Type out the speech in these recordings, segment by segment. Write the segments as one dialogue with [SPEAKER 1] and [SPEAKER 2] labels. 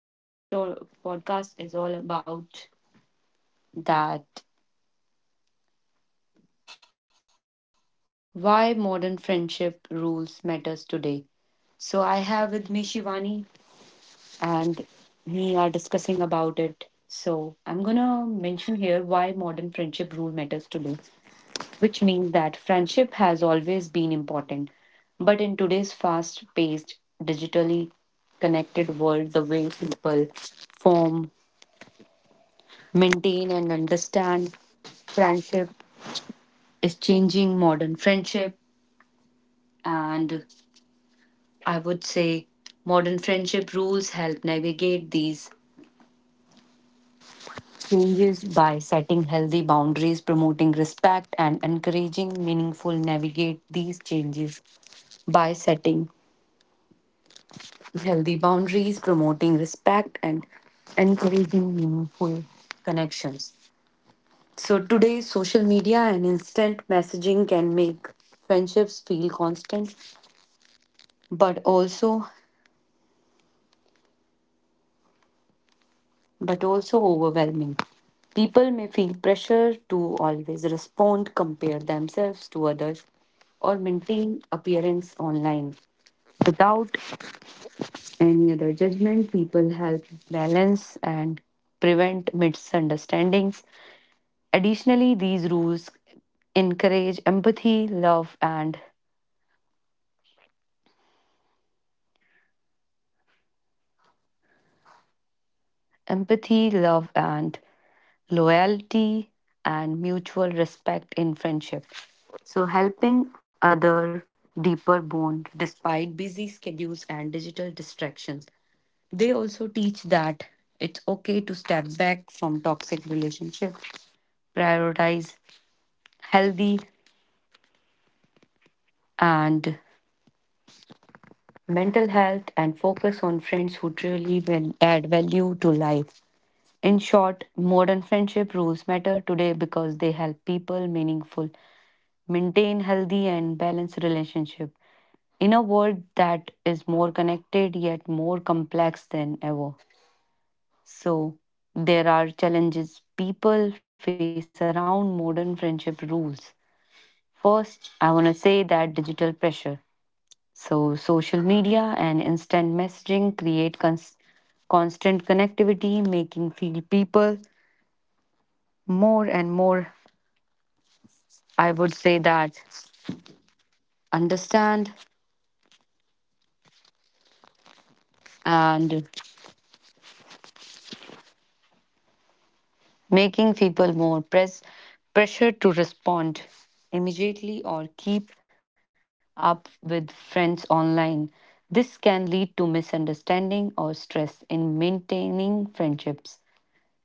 [SPEAKER 1] Today's podcast is all about that, why modern friendship rules matters today. So, I have with me Shivani, and me are discussing about it. So, I'm gonna mention here why rule matters today, which means that friendship has always been important, but in today's fast paced, digitally connected world, the way people form, maintain, and understand friendship is changing. Modern friendship, and I would say modern friendship rules, help navigate these changes by setting healthy boundaries, promoting respect, and encouraging meaningful, navigate these changes by setting healthy boundaries, promoting respect, and encouraging meaningful connections. So, today, social media and instant messaging can make friendships feel constant, but also but also overwhelming. People may feel pressure to always respond, compare themselves to others, or maintain appearance online. Without any other judgment, people help balance and prevent misunderstandings. Additionally, these rules encourage empathy, love, and loyalty, and mutual respect in friendship. So, helping other deeper bond despite busy schedules and digital distractions. They also teach that it's okay to step back from toxic relationships, prioritize healthy and mental health, and focus on friends who truly will add value to life. In short, modern friendship rules matter today because they help people meaningful, maintain healthy and balanced relationship in a world that is more connected yet more complex than ever. So, there are challenges people face around modern friendship rules. First, I want to say that digital pressure. So, social media and instant messaging create constant connectivity, making feel people more and more. I would say that understand and making people more pressure to respond immediately or keep up with friends online. This can lead to misunderstanding or stress in maintaining friendships.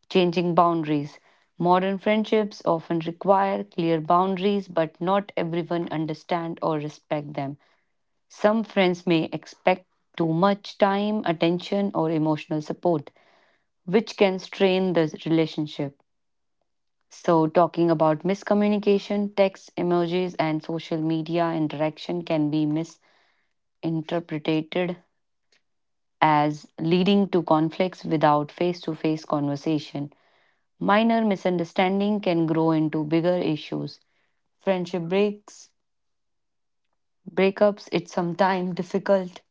[SPEAKER 1] Changing boundaries. Modern friendships often require clear boundaries, but not everyone understand or respect them. Some friends may expect too much time, attention, or emotional support, which can strain the relationship. So, talking about miscommunication, text, emojis, and social media interaction can be misinterpreted as leading to conflicts without face to face conversation. Minor misunderstanding can grow into bigger issues. Friendship breaks, breakups, it's sometimes difficult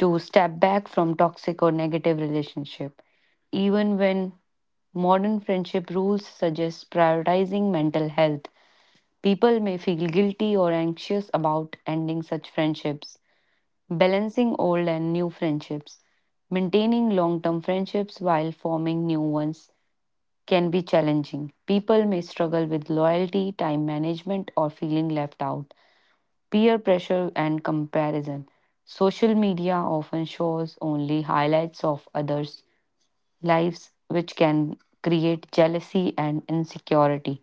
[SPEAKER 1] to step back from toxic or negative relationship even when modern friendship rules suggest prioritizing mental health. People may feel guilty or anxious about ending such friendships. Balancing old and new friendships. Maintaining long term friendships while forming new ones can be challenging. People may struggle with loyalty, time management, or feeling left out. Peer pressure and comparison. Social media often shows only highlights of others lives, which can create jealousy and insecurity.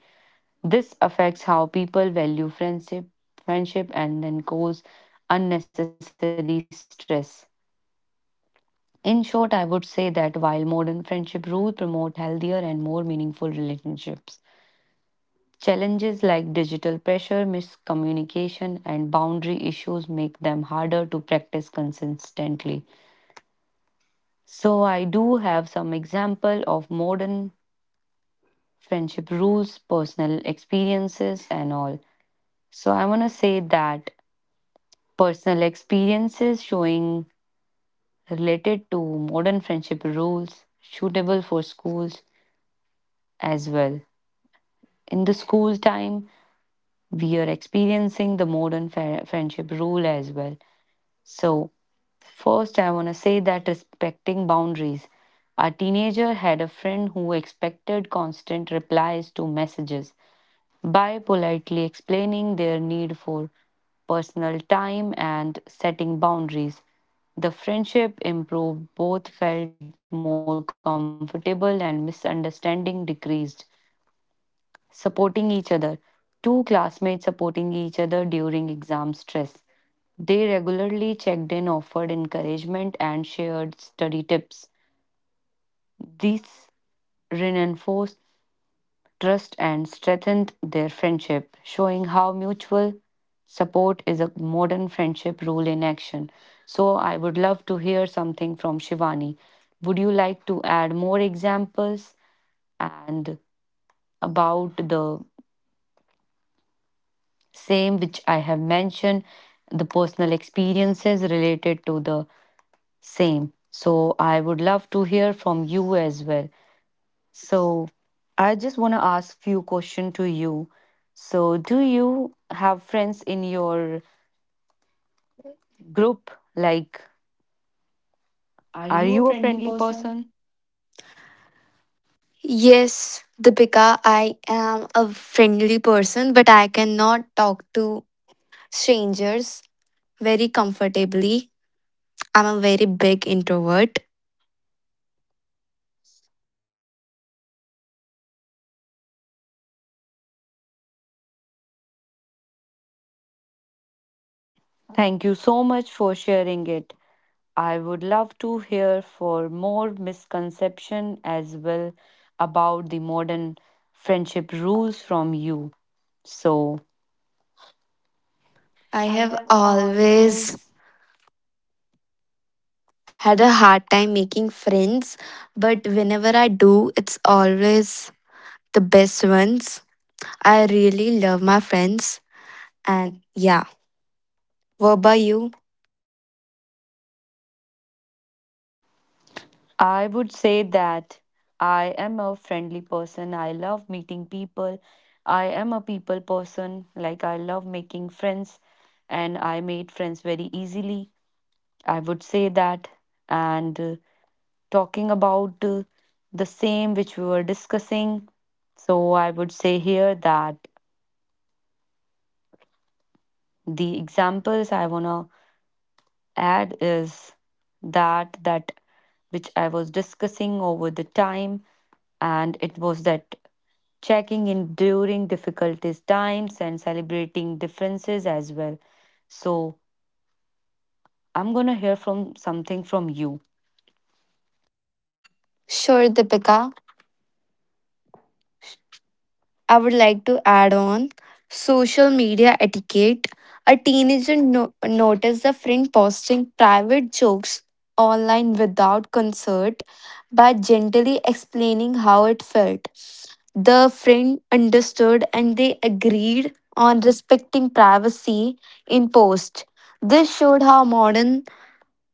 [SPEAKER 1] This affects how people value friendship and then cause unnecessary stress. In short, I would say that while modern friendship rules promote healthier and more meaningful relationships, challenges like digital pressure, miscommunication, and boundary issues make them harder to practice consistently. So, I do have some example of modern friendship rules, personal experiences, and all. So, I want to say that personal experiences showing related to modern friendship rules suitable for schools as well. In the school time, we are experiencing the modern friendship rule as well. So, first, I want to say that respecting boundaries. Our teenager had a friend who expected constant replies to messages. By politely explaining their need for personal time and setting boundaries, the friendship improved, both felt more comfortable, and misunderstanding decreased. Supporting each other. Two classmates supporting each other during exam stress. They regularly checked in, offered encouragement, and shared study tips. These reinforced trust and strengthened their friendship, showing how mutual support is a modern friendship rule in action. So, I would love to hear something from Shivani. Would you like to add more examples and about the same which I have mentioned, the personal experiences related to the same? So, I would love to hear from you as well. So, I just want to ask few question to you. So, do you have friends in your group? Like,
[SPEAKER 2] Are
[SPEAKER 1] are
[SPEAKER 2] you
[SPEAKER 1] you
[SPEAKER 2] a
[SPEAKER 1] a
[SPEAKER 2] friendly
[SPEAKER 1] friendly
[SPEAKER 2] person?
[SPEAKER 1] person?
[SPEAKER 2] Yes, Deepika, I am a friendly person, but I cannot talk to strangers very comfortably. I'm a very big introvert.
[SPEAKER 1] Thank you so much for sharing it. I would love to hear for more misconception as well about the modern friendship rules from you. So,
[SPEAKER 2] I have always had a hard time making friends, but whenever I do, it's always the best ones. I really love my friends, and yeah. What about you?
[SPEAKER 1] I would say that I am a friendly person. I love meeting people. I am a people person. Like, I love making friends, and I made friends very easily. I would say that. And talking about the same which we were discussing, so I would say here that the examples I want to add is that that which I was discussing over the time, and it was that checking in during difficulties times and celebrating differences as well. So, I'm going to hear from something from you.
[SPEAKER 2] Sure, Deepika. I would like to add on social media etiquette. A teenager noticed a friend posting private jokes online without consent by gently explaining how it felt. The friend understood and they agreed on respecting privacy in post. This showed how modern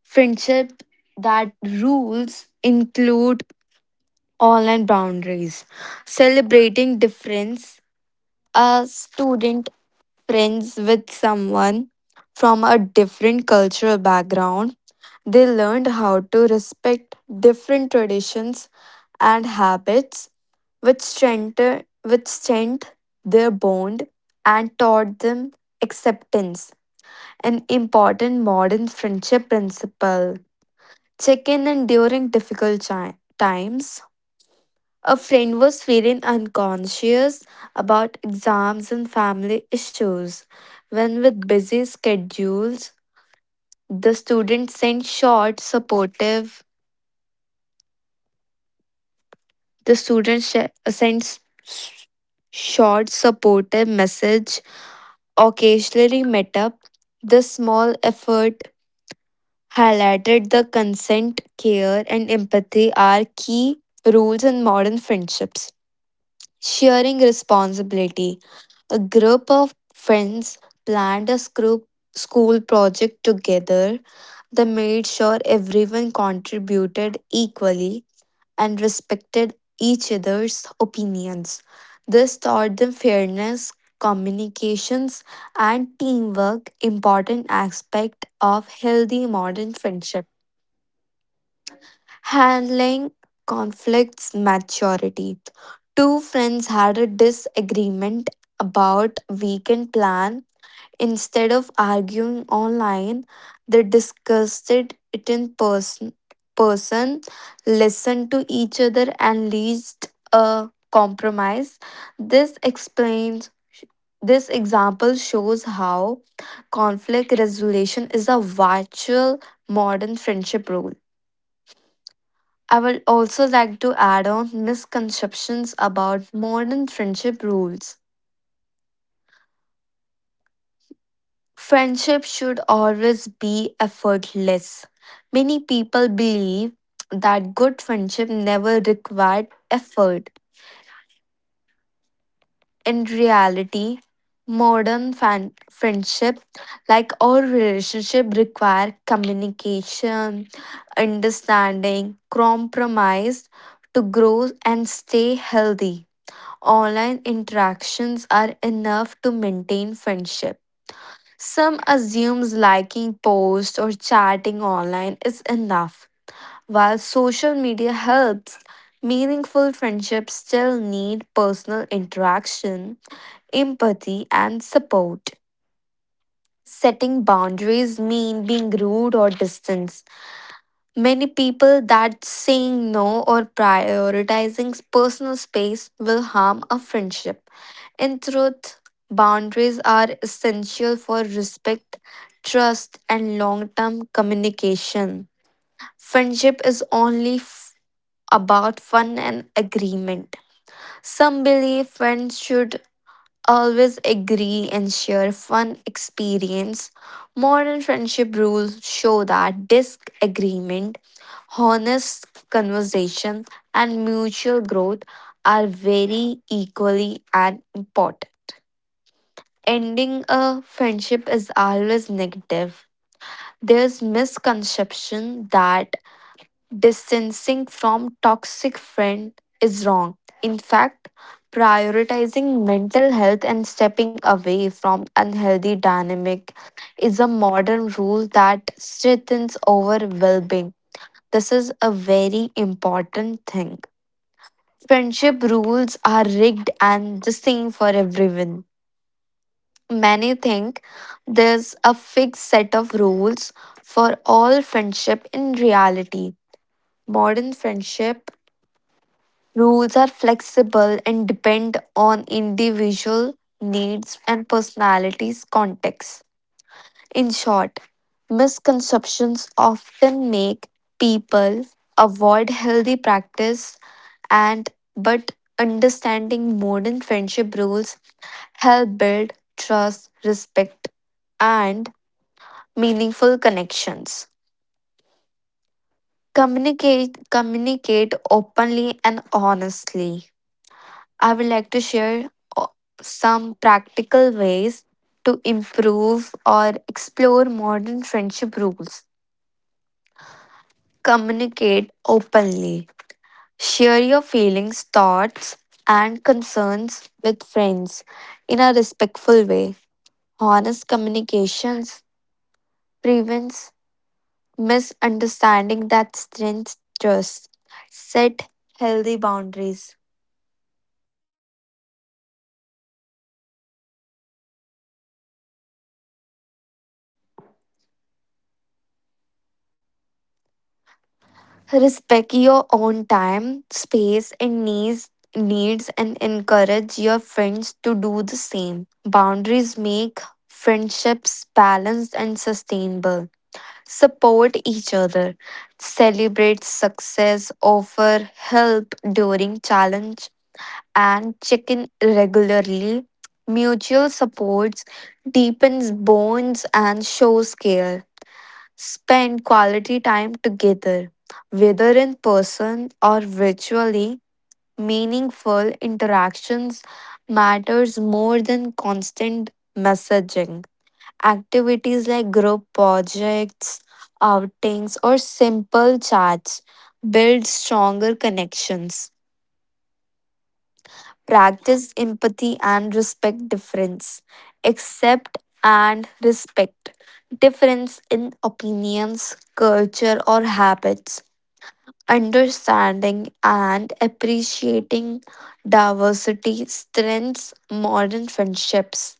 [SPEAKER 2] friendship that rules include online boundaries, celebrating difference a student friends with someone from a different cultural background, they learned how to respect different traditions and habits, which strengthened their bond and taught them acceptance, an important modern friendship principle. Check in and during difficult times. A friend was feeling unconscious about exams and family issues. When with busy schedules, the student sent short supportive. The student sh- sent s- s- short supportive message. Occasionally met up. The small effort highlighted the consent, care, and empathy are key rules in modern friendships. Sharing responsibility. A group of friends planned a school project together. They made sure everyone contributed equally and respected each other's opinions. This taught them fairness, communications, and teamwork, important aspect of healthy modern friendship. Handling conflicts maturity. Two friends had a disagreement about weekend plan. Instead of arguing online, they discussed it in person, person listened to each other, and reached a compromise. This explains this example shows how conflict resolution is a virtual modern friendship rule. I would also like to add on misconceptions about modern friendship rules. Friendship should always be effortless. Many people believe that good friendship never required effort. In reality, friendship, like all relationship, require communication, understanding, compromise to grow and stay healthy. Online interactions are enough to maintain friendship. Some assumes liking posts or chatting online is enough. While social media helps, meaningful friendships still need personal interaction, empathy, and support. Setting boundaries mean being rude or distant. Many people that saying no or prioritizing personal space will harm a friendship. In truth, boundaries are essential for respect, trust, and long term communication. Friendship is about fun and agreement. Some believe friends should always agree and share fun experience. Modern friendship rules show that disagreement honest conversation, and mutual growth are very equally and important. Ending a friendship is always negative. There's misconception that distancing from toxic friend is wrong. In fact, prioritizing mental health and stepping away from unhealthy dynamic is a modern rule that strengthens our well-being. This is a very important thing. Friendship rules are rigged and the same for everyone. Many think there's a fixed set of rules for all friendship in reality. Modern friendship rules are flexible and depend on individual needs and personalities context. In short, misconceptions often make people avoid healthy practice and but understanding modern friendship rules help build trust, respect and meaningful connections. Communicate openly and honestly. I would like to share uh, some practical ways to improve or explore modern friendship rules. Communicate openly. Share your feelings, thoughts, and concerns with friends in a respectful way. Honest communications prevents misunderstanding that strengthens trust. Set healthy boundaries. Respect your own time, space, needs, and encourage your friends to do the same. Boundaries make friendships balanced and sustainable. Support each other, celebrate success, offer help during challenge, and check in regularly. Mutual supports deepens bonds and shows care. Spend quality time together, whether in person or virtually. Meaningful interactions matters more than constant messaging. Activities like group projects, outings, or simple chats build stronger connections. Practice empathy and respect difference. Accept and respect difference in opinions, culture, or habits. Understanding and appreciating diversity strengthens modern friendships.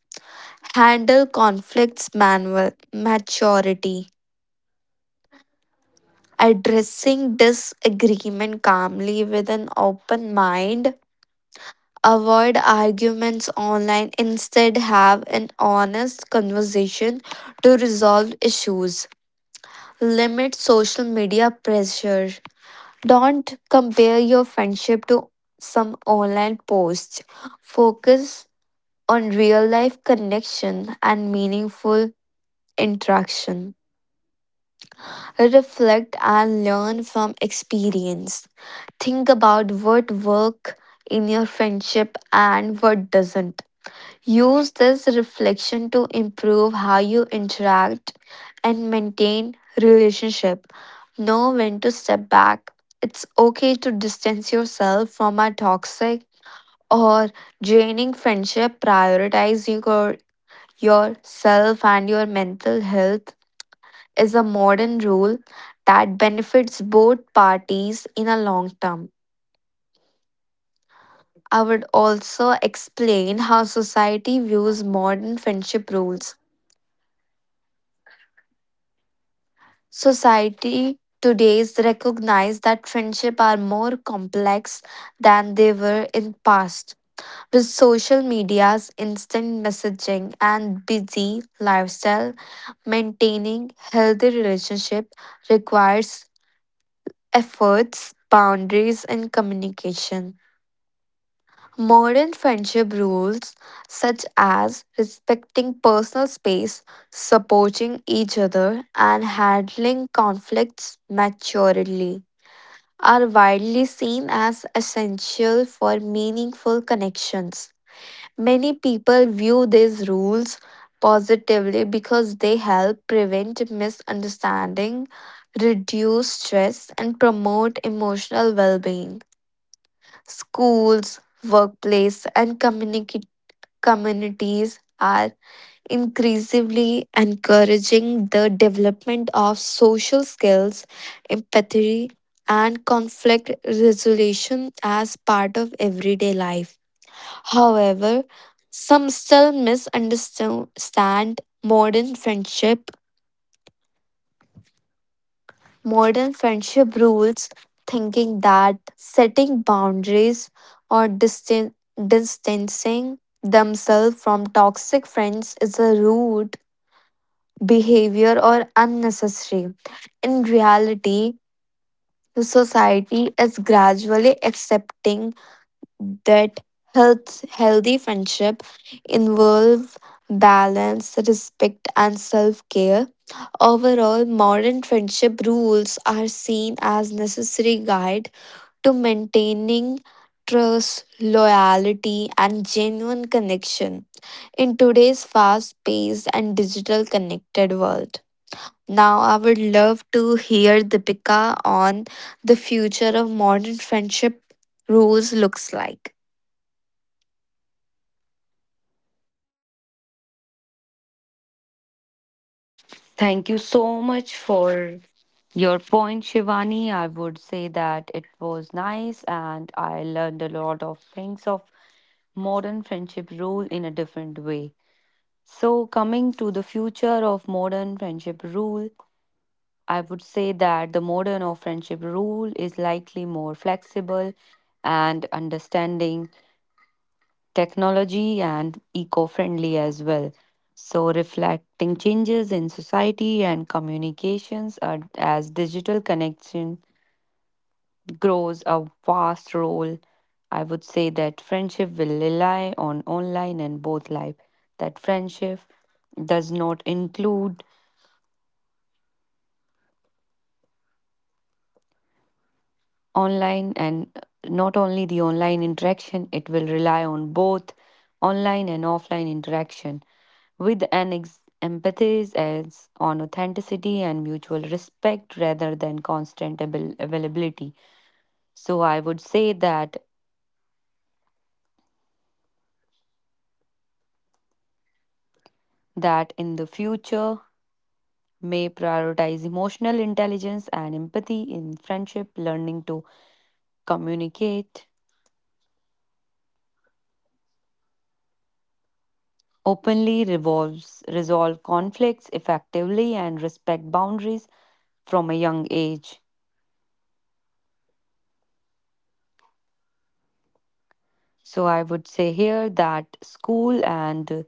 [SPEAKER 2] Handle conflicts manual maturity. Addressing disagreement calmly with an open mind. Avoid arguments online, instead, have an honest conversation to resolve issues. Limit social media pressure. Don't compare your friendship to some online posts. Focus on real life connection and meaningful interaction. Reflect and learn from experience. Think about what work in your friendship and what doesn't. Use this reflection to improve how you interact and maintain relationship. Know when to step back. It's okay to distance yourself from a toxic or draining friendship. Prioritize your Yourself and your mental health is a modern rule that benefits both parties in a long term. I would also explain how society views modern friendship rules. Society today's recognize that friendship are more complex than they were in past. With social media's instant messaging and busy lifestyle, maintaining healthy relationship requires efforts, boundaries and communication. Modern friendship rules, such as respecting personal space, supporting each other, and handling conflicts maturely, are widely seen as essential for meaningful connections. Many people view these rules positively because they help prevent misunderstanding, reduce stress, and promote emotional well being. Schools, workplace, and community communities are increasingly encouraging the development of social skills, empathy, and conflict resolution as part of everyday life. However, some still misunderstand modern friendship. Modern friendship rules thinking that setting boundaries or distancing themselves from toxic friends is a root behavior, or unnecessary. In reality, the society is gradually accepting that healthy friendship involve balance, respect, and self care. Overall, modern friendship rules are seen as necessary guide to maintaining trust, loyalty, and genuine connection in today's fast paced and digital connected world. Now, I would love to hear Deepika on the future of modern friendship rules looks like.
[SPEAKER 1] Thank you so much for your point, Shivani. I would say that it was nice and I learned a lot of things of modern friendship rule in a different way. So, coming to the future of modern friendship rule, I would say that the modern of friendship rule is likely more flexible and understanding, technology and eco friendly as well. So, reflecting changes in society and communications are, as digital connection grows a vast role. I would say that friendship will rely on online and both life. That friendship does not include online and not only the online interaction, it will rely on both online and offline interaction with an emphasis as on authenticity and mutual respect rather than constant availability. So, I would say that that in the future may prioritize emotional intelligence and empathy in friendship, learning to communicate openly, revolves resolve conflicts effectively, and respect boundaries from a young age. So, I would say here that school and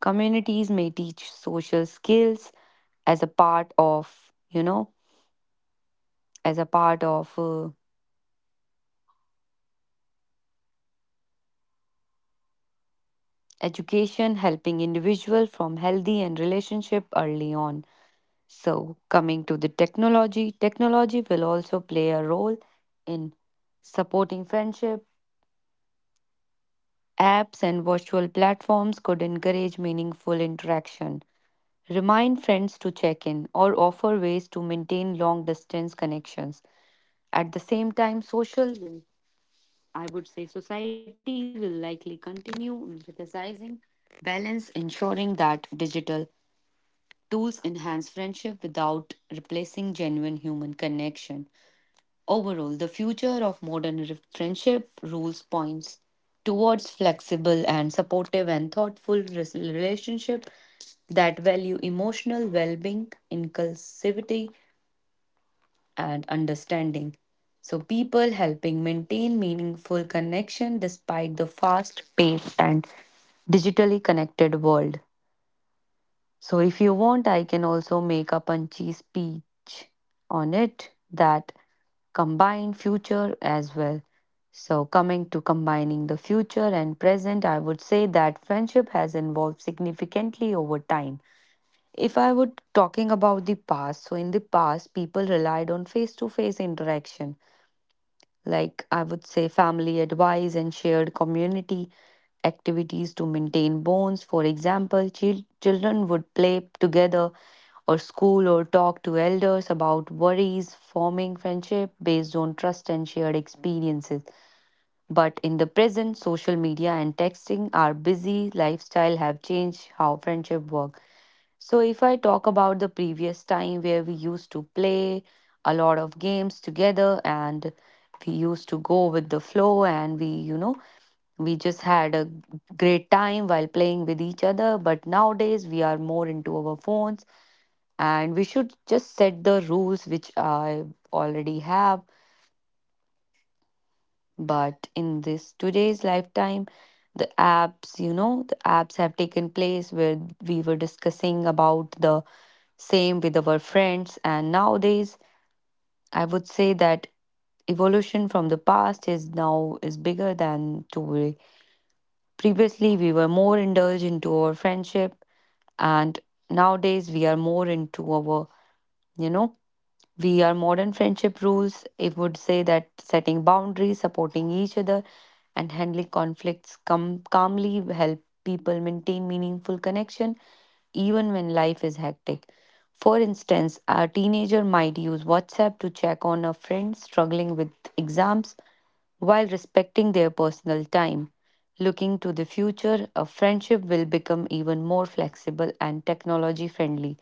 [SPEAKER 1] communities may teach social skills as a part you know of education, helping individual from healthy and relationship early on. So, coming to the technology, technology will also play a role in supporting friendship. Apps and virtual platforms could encourage meaningful interaction, remind friends to check in, or offer ways to maintain long distance connections. At the same time, social I would say society will likely continue emphasizing balance, ensuring that digital tools enhance friendship without replacing genuine human connection. Overall, the future of modern friendship rules points towards flexible and supportive and thoughtful relationship that value emotional well-being, inclusivity, and understanding. So, people helping maintain meaningful connection despite the fast paced and digitally connected world. So, if you want I can also make a punchy speech on it that combine future as well. So, coming to combining the future and present, I would say that friendship has evolved significantly over time. If I would talking about the past, so in the past, people relied on face to face interaction, like I would say family advice and shared community activities to maintain bonds. For example, children would play together or school or talk to elders about worries, forming friendship based on trust and shared experiences. But in the present, social media and texting, our busy lifestyle have changed how friendship works. So, if I talk about the previous time where we used to play a lot of games together, and we used to go with the flow, and we just had a great time while playing with each other. But nowadays we are more into our phones, and we should just set the rules which I already have. But in this today's lifetime, the apps have taken place where we were discussing about the same with our friends. And nowadays, I would say that evolution from the past is now is bigger than to previously we were more indulged into our friendship, and nowadays we are more into our you know we are modern friendship rules. It would say that setting boundaries, supporting each other, and handling conflicts calmly help people maintain meaningful connection even when life is hectic. For instance, a teenager might use WhatsApp to check on a friend struggling with exams while respecting their personal time. Looking to the future, a friendship will become even more flexible and technology friendly,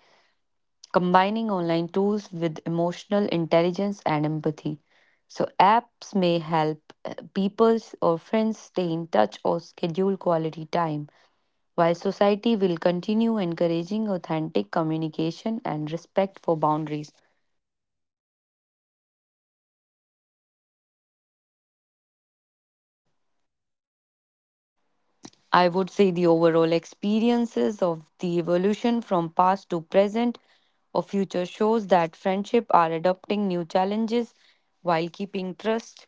[SPEAKER 1] combining online tools with emotional intelligence and empathy. So, apps may help peoples or friends stay in touch or schedule quality time, while society will continue encouraging authentic communication and respect for boundaries. I would say the overall experiences of the evolution from past to present or future shows that friendship are adopting new challenges while keeping trust,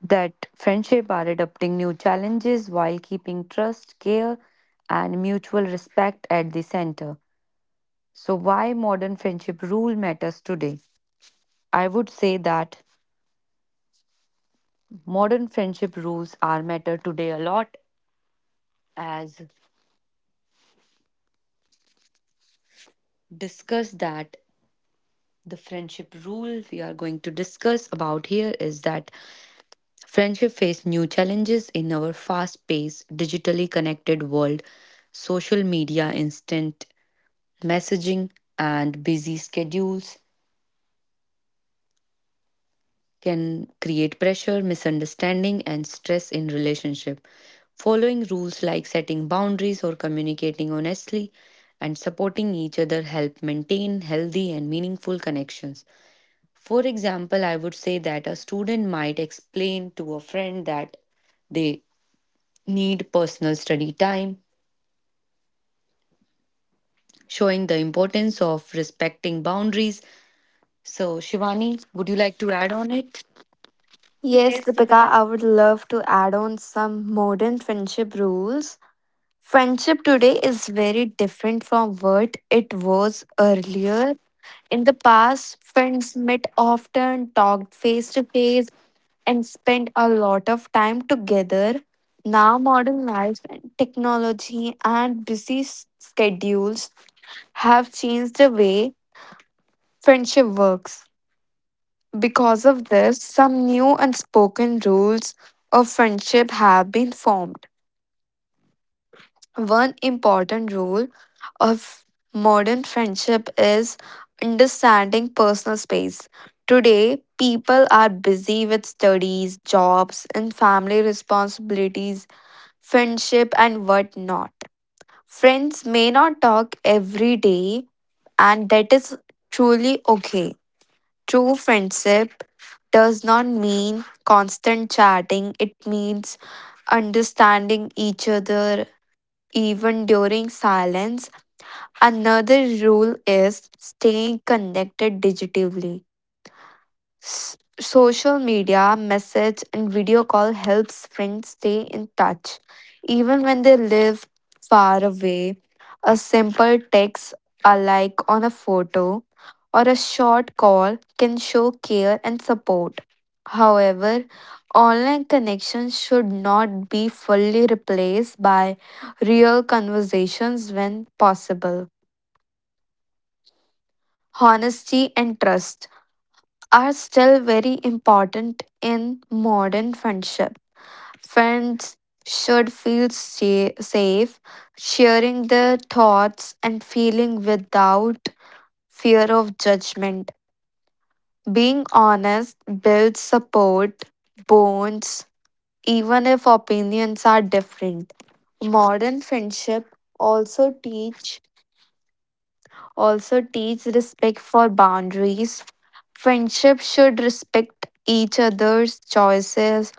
[SPEAKER 1] that friendship are adopting new challenges while keeping trust, care, and mutual respect at the center. So, why modern friendship rule matters today? I would say that modern friendship rules are matter today a lot, as discuss that the friendship rule we are going to discuss about here is that friendship face new challenges in our fast paced digitally connected world. Social media, instant messaging, and busy schedules can create pressure, misunderstanding, and stress in relationship. Following rules like setting boundaries or communicating honestly and supporting each other help maintain healthy and meaningful connections. For example, I would say that a student might explain to a friend that they need personal study time, showing the importance of respecting boundaries. So, Shivani, would you like to add on it?
[SPEAKER 2] Yes, Deepika, I would love to add on some modern friendship rules. Friendship today is very different from what it was earlier. In the past, friends met often, talked face to face, and spent a lot of time together. Now, modern life, technology, and schedules have changed the way friendship works. Because of this, some new unspoken rules of friendship have been formed. One important rule of modern friendship is understanding personal space. Today, people are busy with studies, jobs, and family responsibilities, friendship, and whatnot. Friends may not talk every day, and that is truly okay. True friendship does not mean constant chatting, it means understanding each other even during silence. Another rule is staying connected digitally. Social media, message, and video call helps friends stay in touch. Even when they live far away, a simple text, a like on a photo, or a short call can show care and support. However, online connections should not be fully replaced by real conversations when possible. Honesty and trust are still very important in modern friendship. Friends should feel safe, sharing their thoughts and feeling without fear of judgment. Being honest builds support, bonds, even if opinions are different. Modern friendship also teach respect for boundaries. Friendship should respect each other's choices,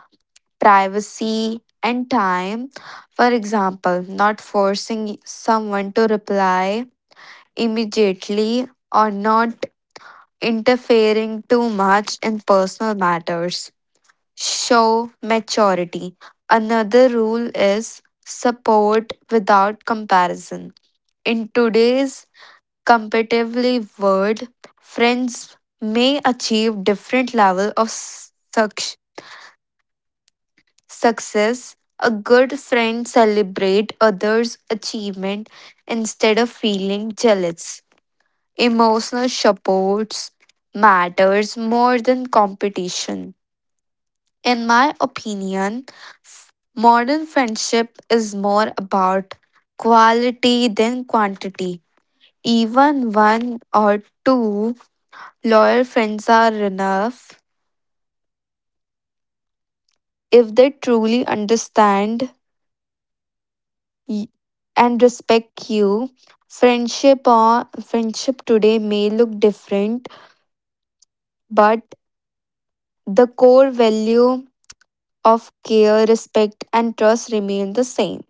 [SPEAKER 2] privacy, and time. For example, not forcing someone to reply immediately or not interfering too much in personal matters. Show maturity. Another rule is support without comparison in today's competitively word, friends may achieve different level of success. A good friend celebrate others' achievement instead of feeling jealous. Emotional supports matters more than competition. In my opinion, f- modern friendship is more about quality than quantity. Even one or two loyal friends are enough if they truly understand y- and respect you. Friendship today may look different, but the core value of care, respect, and trust remain the same.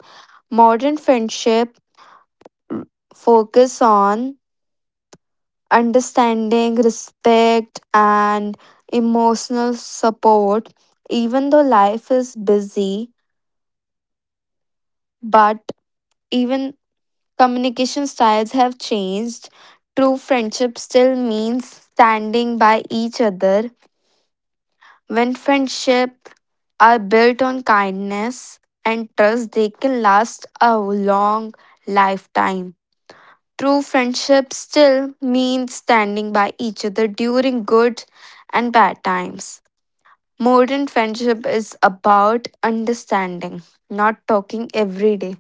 [SPEAKER 2] Modern friendship focus on understanding, respect, and emotional support. Even though life is busy, but even communication styles have changed. True friendship still means standing by each other. When friendships are built on kindness and trust, they can last a long lifetime. True friendship still means standing by each other during good and bad times. Modern friendship is about understanding, not talking every day.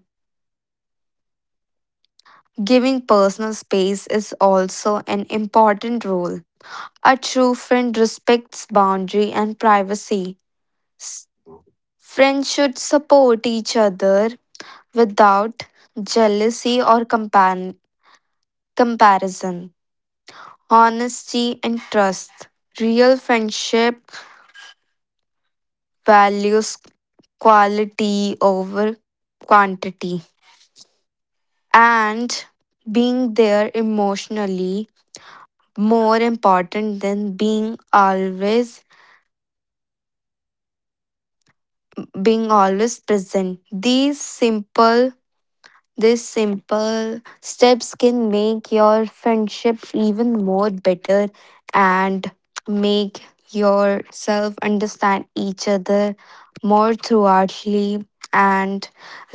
[SPEAKER 2] Giving personal space is also an important role. A true friend respects boundary and privacy. S- Friends should support each other without jealousy or comparison. Honesty and trust. Real friendship values quality over quantity and being there emotionally more important than being always present these simple These simple steps can make your friendship even more better and make yourself understand each other more thoroughly and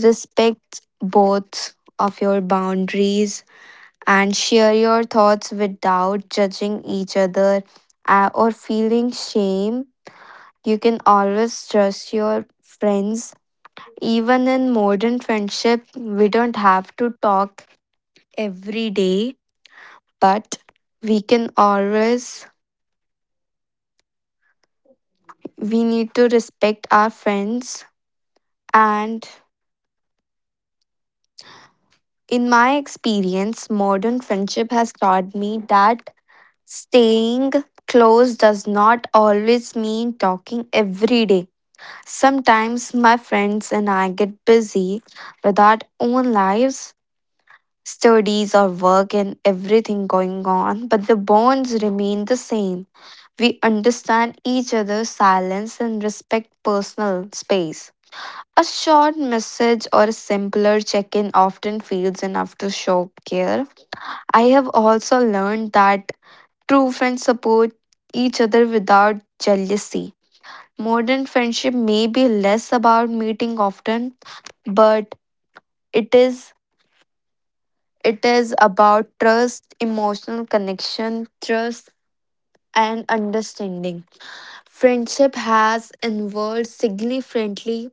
[SPEAKER 2] respect both of your boundaries and share your thoughts without judging each other or feeling shame. You can always trust your friends even in modern friendship we don't have to talk every day, but we can always, we need to respect our friends. And in my experience, modern friendship has taught me that staying close does not always mean talking every day. Sometimes my friends and I get busy with our own lives, studies or work, and everything going on, but the bonds remain the same. We understand each other's silence and respect personal space. A short message or a simpler check in often feels enough to show care. I have also learned that true friends support each other without jealousy. Modern friendship may be less about meeting often, but it is it is about trust, emotional connection, trust and understanding. Friendship has evolved significantly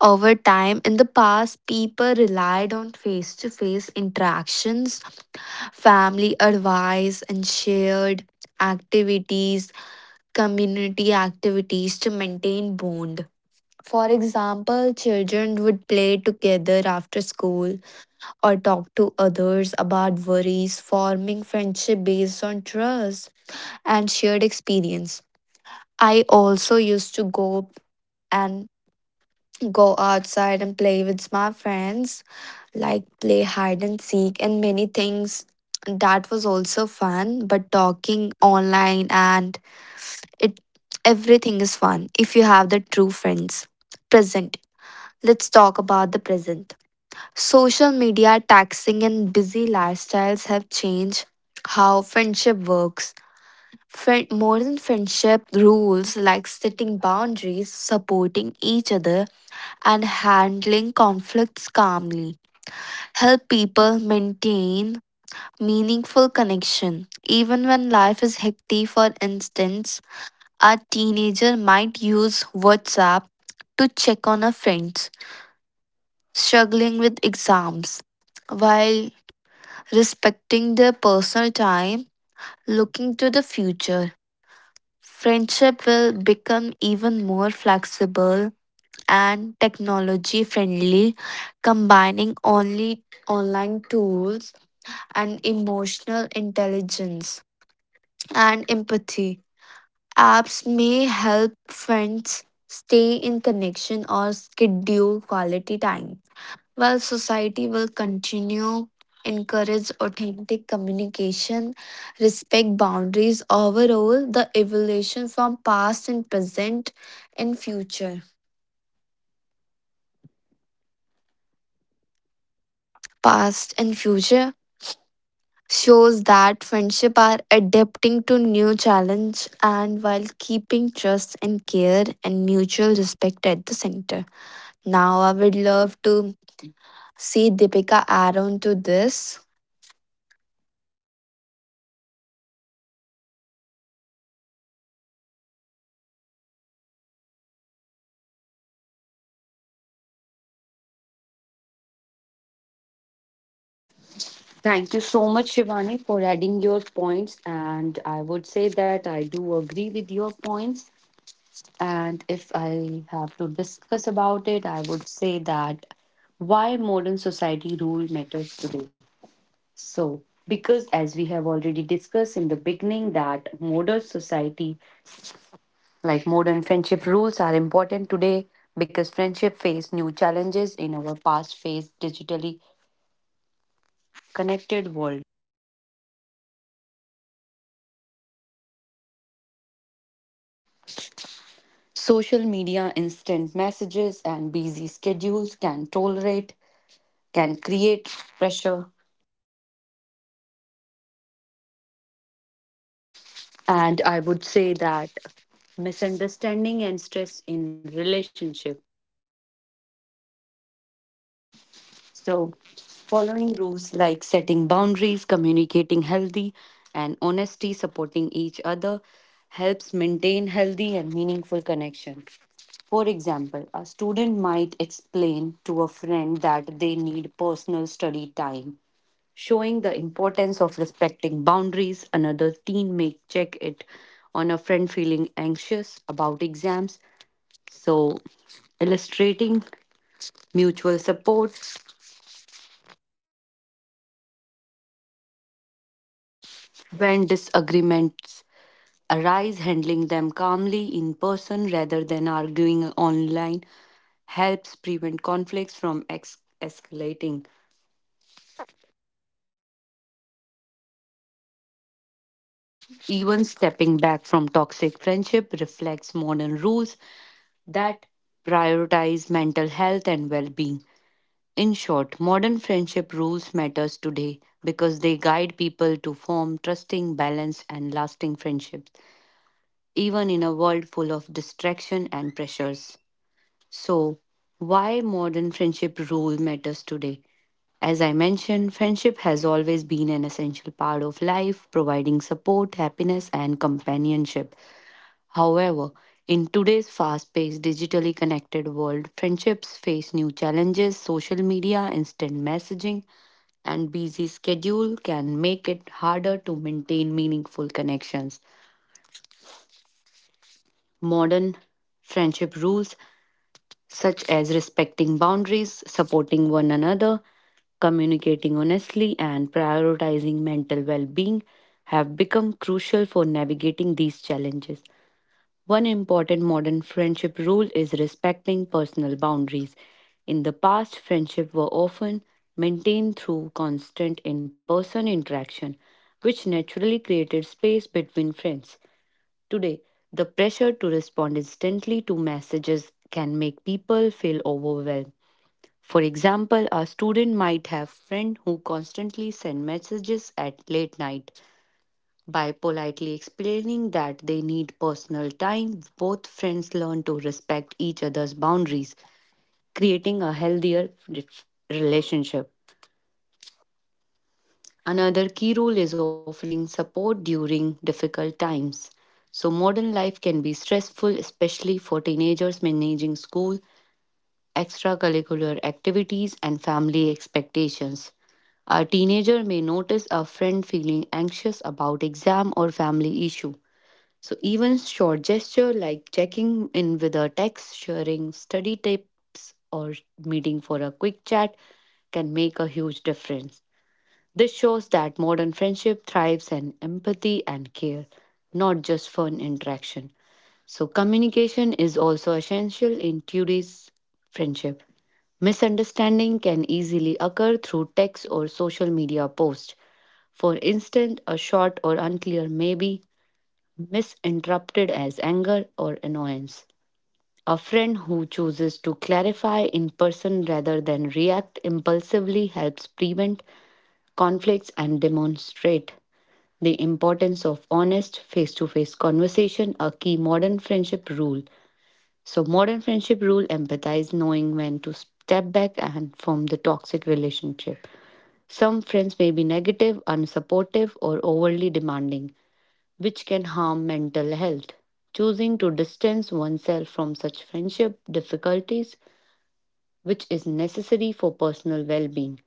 [SPEAKER 2] over time. In the past, people relied on face to face interactions, family advice, and shared activities, community activities to maintain bond. For example, children would play together after school or talk to others about worries, forming friendship based on trust and shared experience. I also used to and go outside and play with my friends, like play hide and seek and many things. That was also fun, but talking online and it everything is fun if you have the true friends. Present. Let's talk about the present. Social media, taxing and busy lifestyles have changed how friendship works. Friend, more than friendship rules like setting boundaries, supporting each other and handling conflicts calmly help people maintain meaningful connection. Even when life is hectic, for instance, a teenager might use WhatsApp to check on a friend struggling with exams while respecting their personal time, looking to the future. Friendship will become even more flexible and technology friendly, combining only online tools and emotional intelligence and empathy. Apps may help friends stay in connection or schedule quality time. While society will continue encourage authentic communication, respect boundaries overall, the evolution from past and present and future. Past and future shows that friendship are adapting to new challenge and while keeping trust and care and mutual respect at the center. Now I would love to see Deepika add on to this.
[SPEAKER 1] Thank you so much, Shivani, for adding your points. And I would say that I do agree with your points. And if I have to discuss about it, I would say that why modern society rule matters today. So, because as we have already discussed in the beginning, that modern society, like modern friendship rules, are important today because friendship face new challenges in our past face digitally connected world. Social media, instant messages, and busy schedules can tolerate, can create pressure. And I would say that misunderstanding and stress in relationship. So, following rules like setting boundaries, communicating healthy, and honesty, supporting each other helps maintain healthy and meaningful connection. For example, a student might explain to a friend that they need personal study time showing the importance of respecting boundaries. Another teen may check it on a friend feeling anxious about exams. So, illustrating mutual support when disagreements arise, handling them calmly in person rather than arguing online helps prevent conflicts from escalating. Even stepping back from toxic friendship reflects modern rules that prioritize mental health and well being. In short, modern friendship rules matters today because they guide people to form trusting, balanced and lasting friendships even in a world full of distraction and pressures. So, why modern friendship rule matters today? As I mentioned, friendship has always been an essential part of life, providing support, happiness, and companionship. However, in today's fast paced, digitally connected world, friendships face new challenges social media, instant messaging, and busy schedule can make it harder to maintain meaningful connections. Modern friendship rules, such as respecting boundaries, supporting one another, communicating honestly, and prioritizing mental well being, have become crucial for navigating these challenges. One important modern friendship rule is respecting personal boundaries. In the past, friendships were often maintained through constant in person interaction, which naturally created space between friends. Today, the pressure to respond instantly to messages can make people feel overwhelmed. For example, a student might have friend who constantly send messages at late night by politely explaining that they need personal time, both friends learn to respect each other's boundaries, creating a healthier relationship. Another key role is offering support during difficult times. So, modern life can be stressful, especially for teenagers managing school, extracurricular activities, and family expectations. A teenager may notice a friend feeling anxious about exam or family issue. So even short gesture like checking in with a text, sharing study tips or meeting for a quick chat can make a huge difference. This shows that modern friendship thrives on empathy and care, not just fun interaction. So communication is also essential in today's friendship. Misunderstanding can easily occur through text or social media posts. For instance, a short or unclear maybe misinterpreted as anger or annoyance. A friend who chooses to clarify in person rather than react impulsively helps prevent conflicts and demonstrate the importance of honest face to face conversation, a key modern friendship rule. So, modern friendship rule empathize knowing when to step back and from the toxic relationship. Some friends may be negative, unsupportive, or overly demanding which can harm mental health. Choosing to distance oneself from such friendship difficulties, which is necessary for personal well being.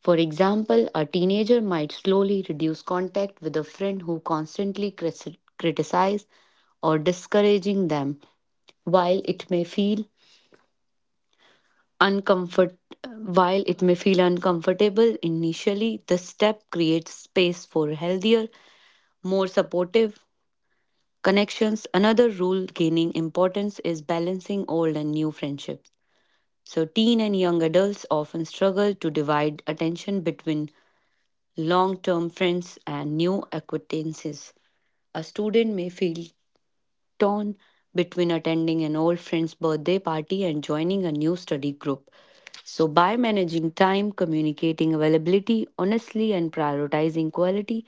[SPEAKER 1] For example, a teenager might slowly reduce contact with a friend who constantly criticizes or discouraging them. while it may feel uncomfort while it may feel uncomfortable initially this step creates space for healthier more supportive connections. Another rule gaining importance is balancing old and new friendships. So, teen and young adults often struggle to divide attention between long term friends and new acquaintances. A student may feel torn between attending an old friend's birthday party and joining a new study group. So, by managing time, communicating availability honestly, and prioritizing quality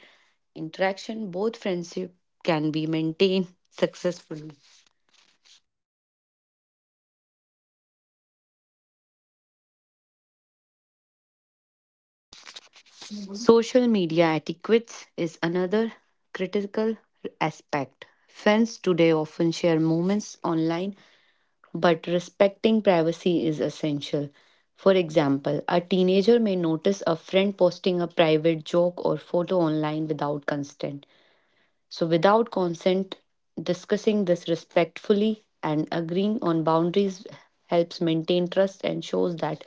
[SPEAKER 1] interaction, both friendship can be maintained successfully. Social media etiquettes is another critical aspect. Fans today often share moments online, but respecting privacy is essential. For example, a teenager may notice a friend posting a private joke or photo online without consent. So, without consent, discussing this respectfully and agreeing on boundaries helps maintain trust and shows that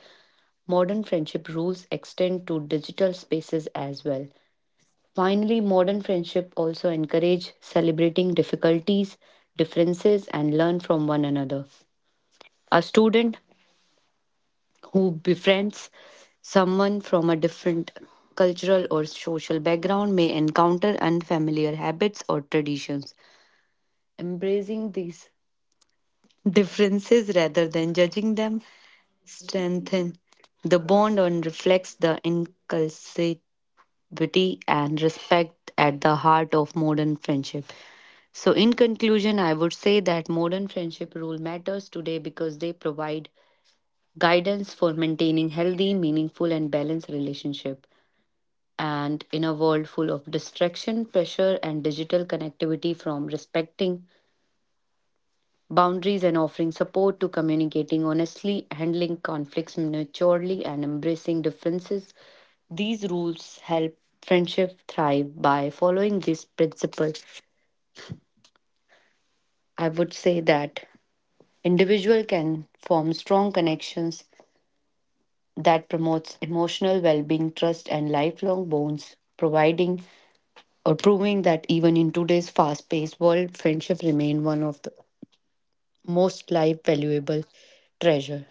[SPEAKER 1] modern friendship rules extend to digital spaces as well. Finally, modern friendship also encourage celebrating difficulties, differences and learn from one another. A student who befriends someone from a different cultural or social background may encounter unfamiliar habits or traditions. Embracing these differences rather than judging them strengthen the bond and reflects the inculcate beauty, and respect at the heart of modern friendship. So, in conclusion, I would say that modern friendship rule matters today because they provide guidance for maintaining healthy, meaningful, and balanced relationship. And in a world full of distraction, pressure, and digital connectivity from respecting boundaries and offering support to communicating honestly, handling conflicts maturely, and embracing differences. These rules help friendship thrive by following these principles. I would say that individual can form strong connections that promotes emotional well-being, trust, and lifelong bonds, providing or proving that even in today's fast-paced world, friendship remain one of the most life valuable treasure.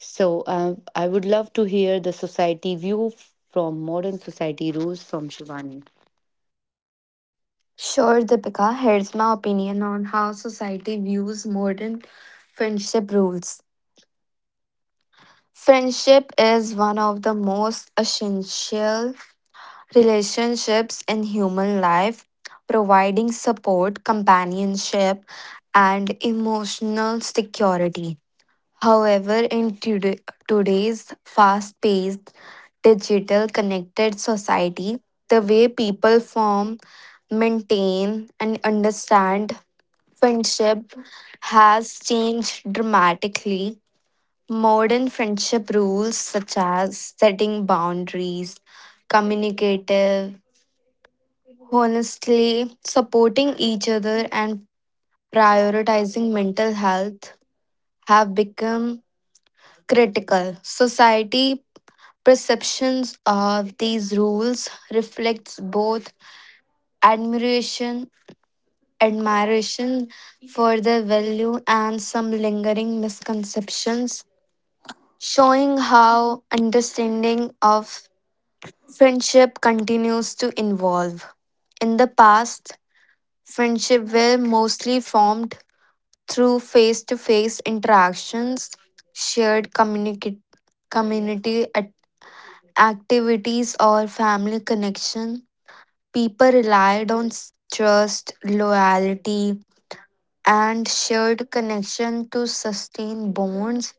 [SPEAKER 1] So I would love to hear the society view from modern society rules from Shivani.
[SPEAKER 2] Sure, Deepika, here's my opinion on how society views modern friendship rules. Friendship is one of the most essential relationships in human life, providing support, companionship, and emotional security. However, today's fast paced, digital connected society, the way people form, maintain, and understand friendship has changed dramatically. Modern friendship rules, such as setting boundaries, communicative honestly, supporting each other and prioritizing mental health have become critical. Society perceptions of these rules reflects both admiration admiration for their value and some lingering misconceptions, showing how understanding of friendship continues to evolve. In the past, friendship were mostly formed through face to face interactions, shared community at- activities, or family connection. People relied on trust, loyalty, and shared connection to sustain bonds.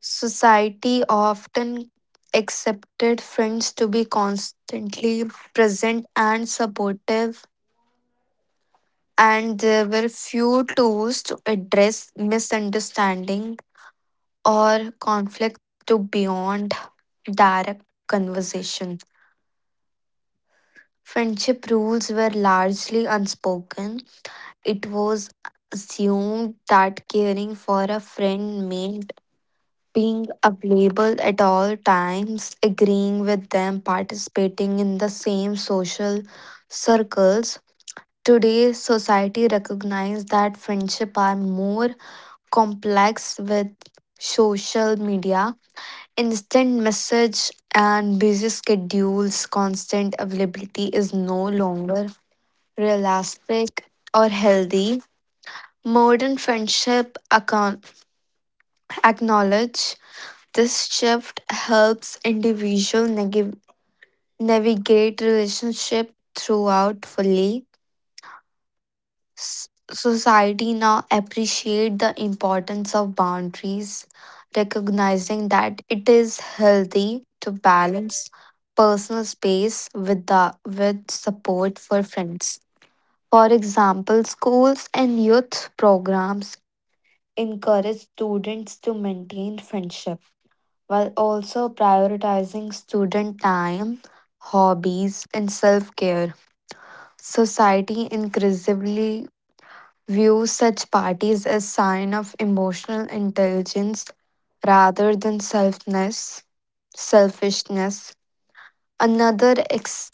[SPEAKER 2] Society often accepted friends to be constantly present and supportive, and there were few tools to address misunderstanding or conflict to beyond direct conversation. Friendship rules were largely unspoken. It was assumed that caring for a friend meant being available at all times, agreeing with them, participating in the same social circles. Today, society recognizes that friendships are more complex. With social media, instant message and busy schedules, constant availability is no longer realistic or healthy. Modern friendship acknowledge this shift helps individual navigate relationship throughout fully. Society now appreciate the importance of boundaries, recognizing that it is healthy to balance personal space with the with support for friends. For example, schools and youth programs encourage students to maintain friendship while also prioritizing student time, hobbies and self-care. Society increasingly view such parties as sign of emotional intelligence rather than selfishness. Another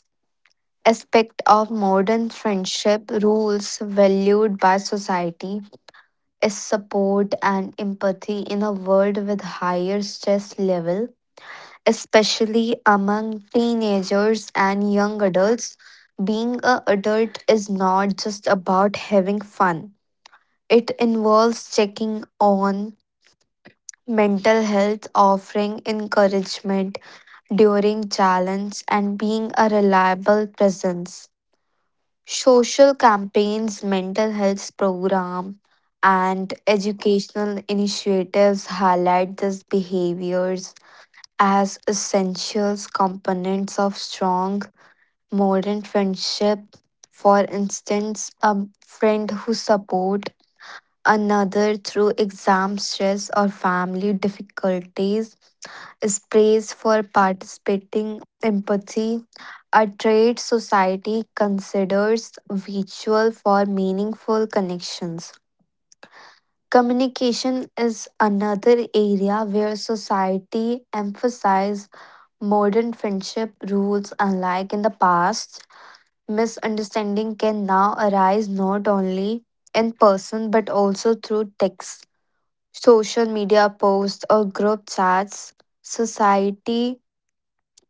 [SPEAKER 2] aspect of modern friendship rules valued by society is support and empathy in a world with higher stress level, especially among teenagers and young adults. Being a adult is not just about having fun. It involves checking on mental health, offering encouragement during challenge, and being a reliable presence. Social campaigns, mental health program, and educational initiatives highlight these behaviors as essential components of strong modern friendship. For instance, a friend who supports another through exam stress or family difficulties is praised for participating empathy, a trait society considers virtual for meaningful connections. Communication is another area where society emphasizes modern friendship rules. Unlike in the past, misunderstanding can now arise not only in person but also through text, social media posts or group chats. Society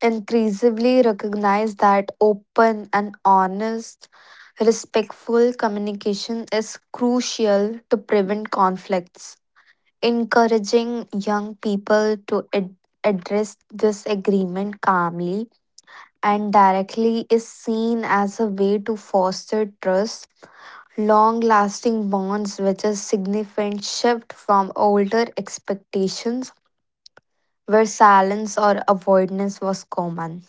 [SPEAKER 2] increasingly recognize that open and honest, respectful communication is crucial to prevent conflicts. Encouraging young people to address disagreement calmly and directly is seen as a way to foster trust, long lasting bonds, which is significant shift from older expectations where silence or avoidance was common.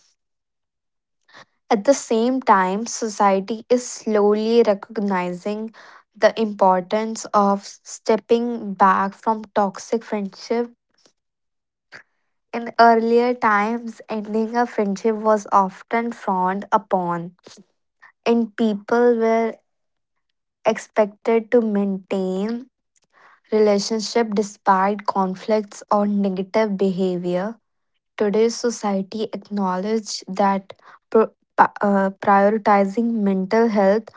[SPEAKER 2] At the same time, society is slowly recognizing the importance of stepping back from toxic friendship. In earlier times, ending a friendship was often frowned upon, and people were expected to maintain relationship despite conflicts or negative behavior. Today's society acknowledge that pro- prioritizing mental health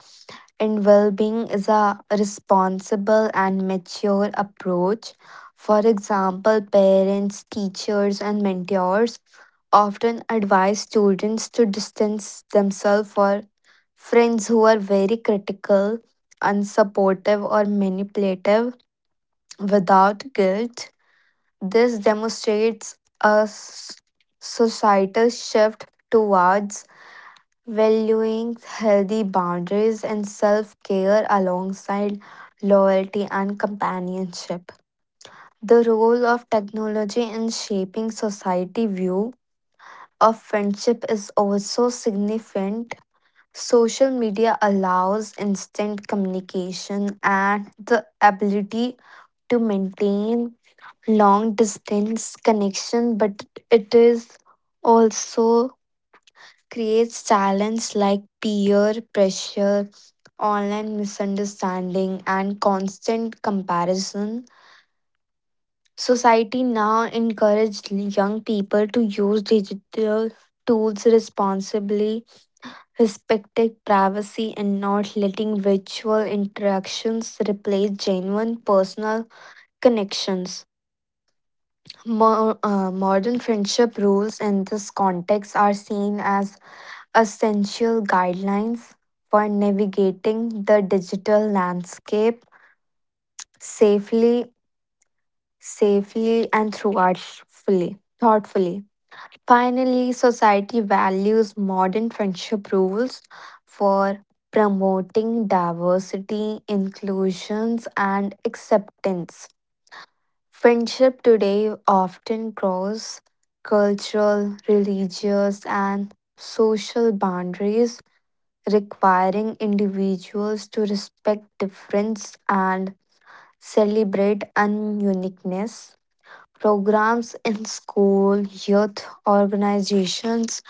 [SPEAKER 2] and well-being is a responsible and mature approach. For example, parents, teachers and mentors often advise students to distance themselves for friends who are very critical, unsupportive or manipulative without guilt. This demonstrates a societal shift towards valuing healthy boundaries and self care alongside loyalty and companionship. The role of technology in shaping society view of friendship is also significant. Social media allows instant communication and the ability to maintain long distance connection, but it is also creates challenge like peer pressure, online misunderstanding and constant comparison. Society now encourages young people to use digital tools responsibly, respecting privacy and not letting virtual interactions replace genuine personal connections. Modern friendship rules in this context are seen as essential guidelines for navigating the digital landscape safely, safely, and thoughtfully. Finally, society values modern friendship rules for promoting diversity, inclusions, and acceptance. Friendship today often cross cultural, religious, and social boundaries, requiring individuals to respect difference and celebrate uniqueness. Programs in school, youth organizations,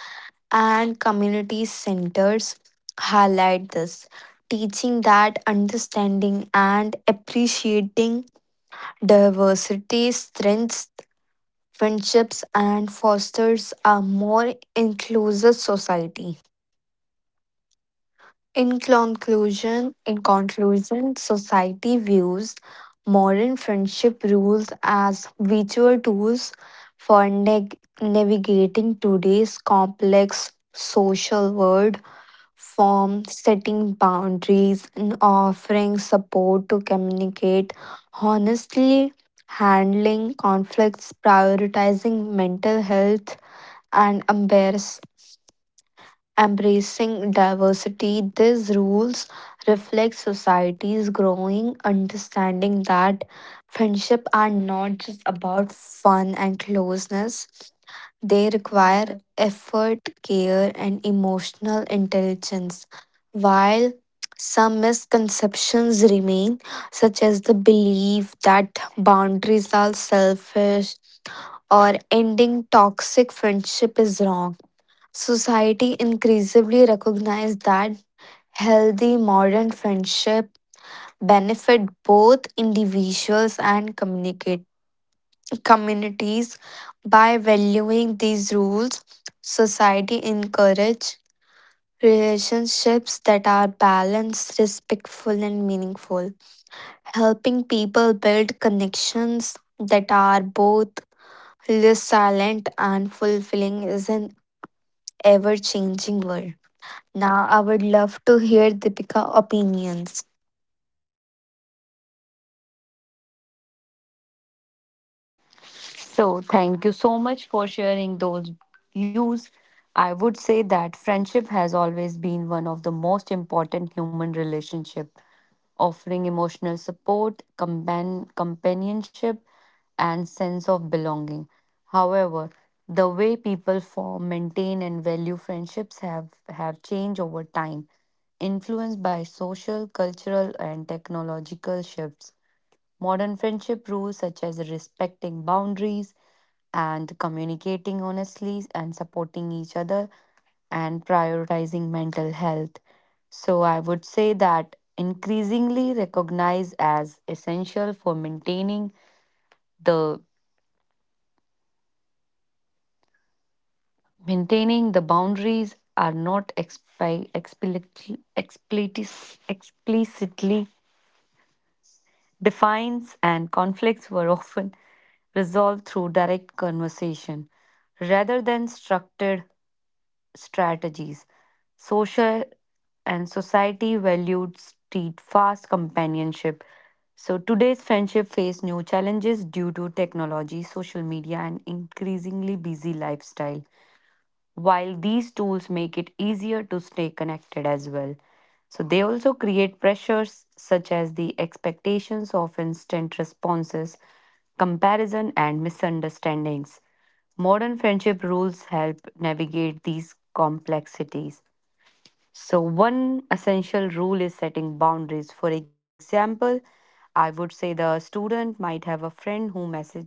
[SPEAKER 2] and community centers highlight this, teaching that understanding and appreciating diversity strengthens friendships and fosters a more inclusive society. In conclusion, society views modern friendship rules as virtual tools for navigating today's complex social world, from setting boundaries and offering support to communicate honestly, handling conflicts, prioritizing mental health and embracing diversity. These rules reflect society's growing understanding that friendship are not just about fun and closeness. They require effort, care, and emotional intelligence. While some misconceptions remain, such as the belief that boundaries are selfish or ending toxic friendship is wrong. Society increasingly recognizes that healthy modern friendship benefit both individuals and communicate communities by valuing these rules. Society encourage relationships that are balanced, respectful, and meaningful, helping people build connections that are both less silent and fulfilling is an ever changing world. Now, I would love to hear Deepika opinions.
[SPEAKER 1] So thank you so much for sharing those views. I would say that friendship has always been one of the most important human relationship, offering emotional support, companionship, and sense of belonging. However, the way people form, maintain, and value friendships have changed over time. Influenced by social, cultural, and technological shifts, modern friendship rules such as respecting boundaries and communicating honestly and supporting each other and prioritizing mental health. So, I would say that increasingly recognized as essential for the maintaining the boundaries are not explicitly defines and conflicts were often resolved through direct conversation rather than structured strategies. Social and society valued steadfast companionship. So today's friendship face new challenges due to technology, social media, and increasingly busy lifestyle while these tools make it easier to stay connected as well. So they also create pressures such as the expectations of instant responses, comparison, and misunderstandings. Modern friendship rules help navigate these complexities. So, one essential rule is setting boundaries. For example, I would say the student might have a friend who message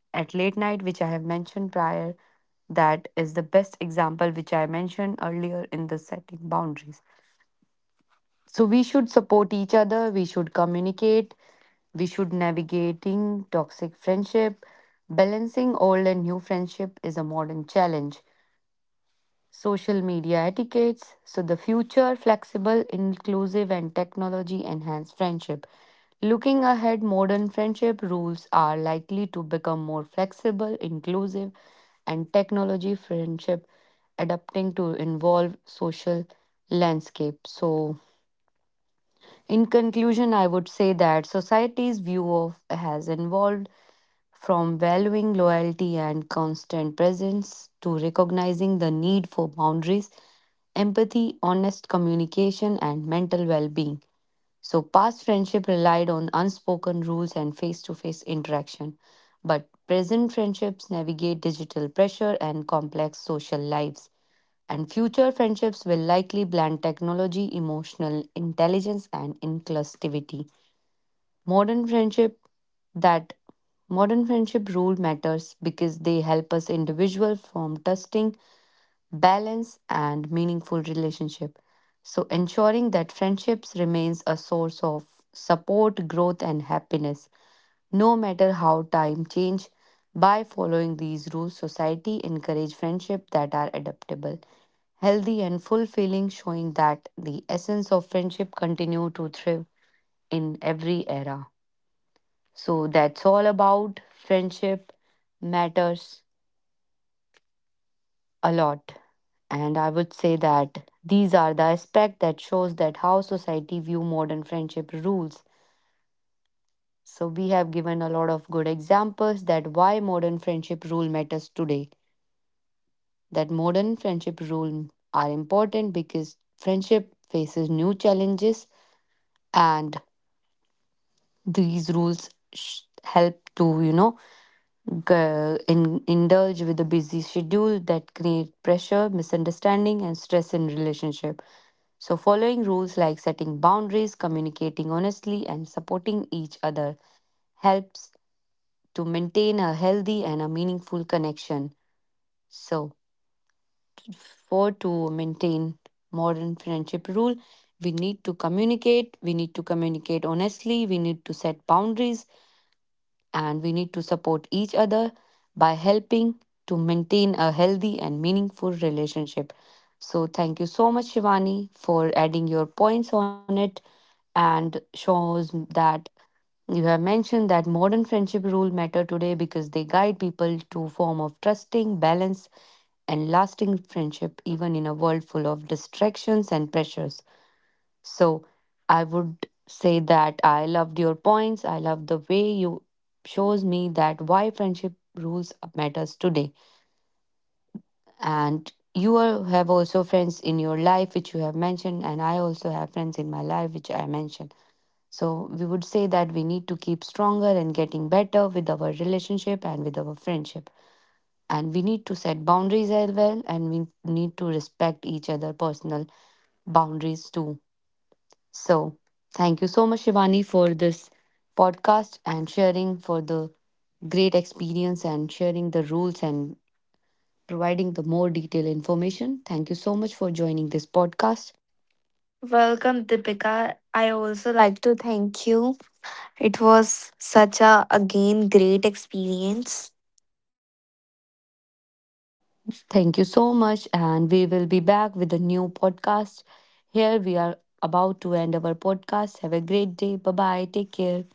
[SPEAKER 1] at late night, which I have mentioned prior. That is the best example which I mentioned earlier in the setting boundaries. So we should support each other, we should communicate, we should navigating toxic friendship. Balancing old and new friendship is a modern challenge social media etiquettes. So, the future flexible, inclusive, and technology enhanced friendship. Looking ahead, modern friendship rules are likely to become more flexible, inclusive, and technology friendship adapting to involve social landscape. So, in conclusion, I would say that society's view of has evolved from valuing loyalty and constant presence to recognizing the need for boundaries, empathy, honest communication, and mental well being. So, past friendship relied on unspoken rules and face to face interaction, but present friendships navigate digital pressure and complex social lives. And future friendships will likely blend technology, emotional intelligence, and inclusivity. Modern friendship that modern friendship rule matters because they help us individual form trusting, balance and meaningful relationship. So ensuring that friendships remains a source of support, growth and happiness no matter how time change. By following these rules, society encourage friendship that are adaptable, healthy and fulfilling showing that the essence of friendship continue to thrive in every era. So that's all about friendship matters a lot. And I would say that these are the aspect that shows that how society view modern friendship rules. So we have given a lot of good examples that why modern friendship rule matters today. That modern friendship rule are important because friendship faces new challenges and these rules help to indulge with a busy schedule that create pressure, misunderstanding, and stress in relationship. So, following rules like setting boundaries, communicating honestly, and supporting each other helps to maintain a healthy and a meaningful connection. So, for to maintain modern friendship rule, we need to communicate. We need to communicate honestly. We need to set boundaries and we need to support each other by helping to maintain a healthy and meaningful relationship. So, thank you so much, Shivani, for adding your points on it and shows that you have mentioned that modern friendship rule matter today because they guide people to form of trusting, balanced, and lasting friendship even in a world full of distractions and pressures. So I would say that I loved your points. I love the way you shows me that why friendship rules matters today. And you are, have also friends in your life which you have mentioned, and I also have friends in my life which I mentioned. So we would say that we need to keep stronger and getting better with our relationship and with our friendship. And we need to set boundaries as well, and we need to respect each other personal boundaries too. So, thank you so much, Shivani, for this podcast and sharing for the great experience and sharing the rules and providing the more detailed information. Thank you so much for joining this podcast.
[SPEAKER 2] Welcome, Deepika. I also like to thank you. It was such a again great experience.
[SPEAKER 1] Thank you so much, and we will be back with a new podcast. Here we are about to end our podcast. Have a great day. Bye bye. Take care.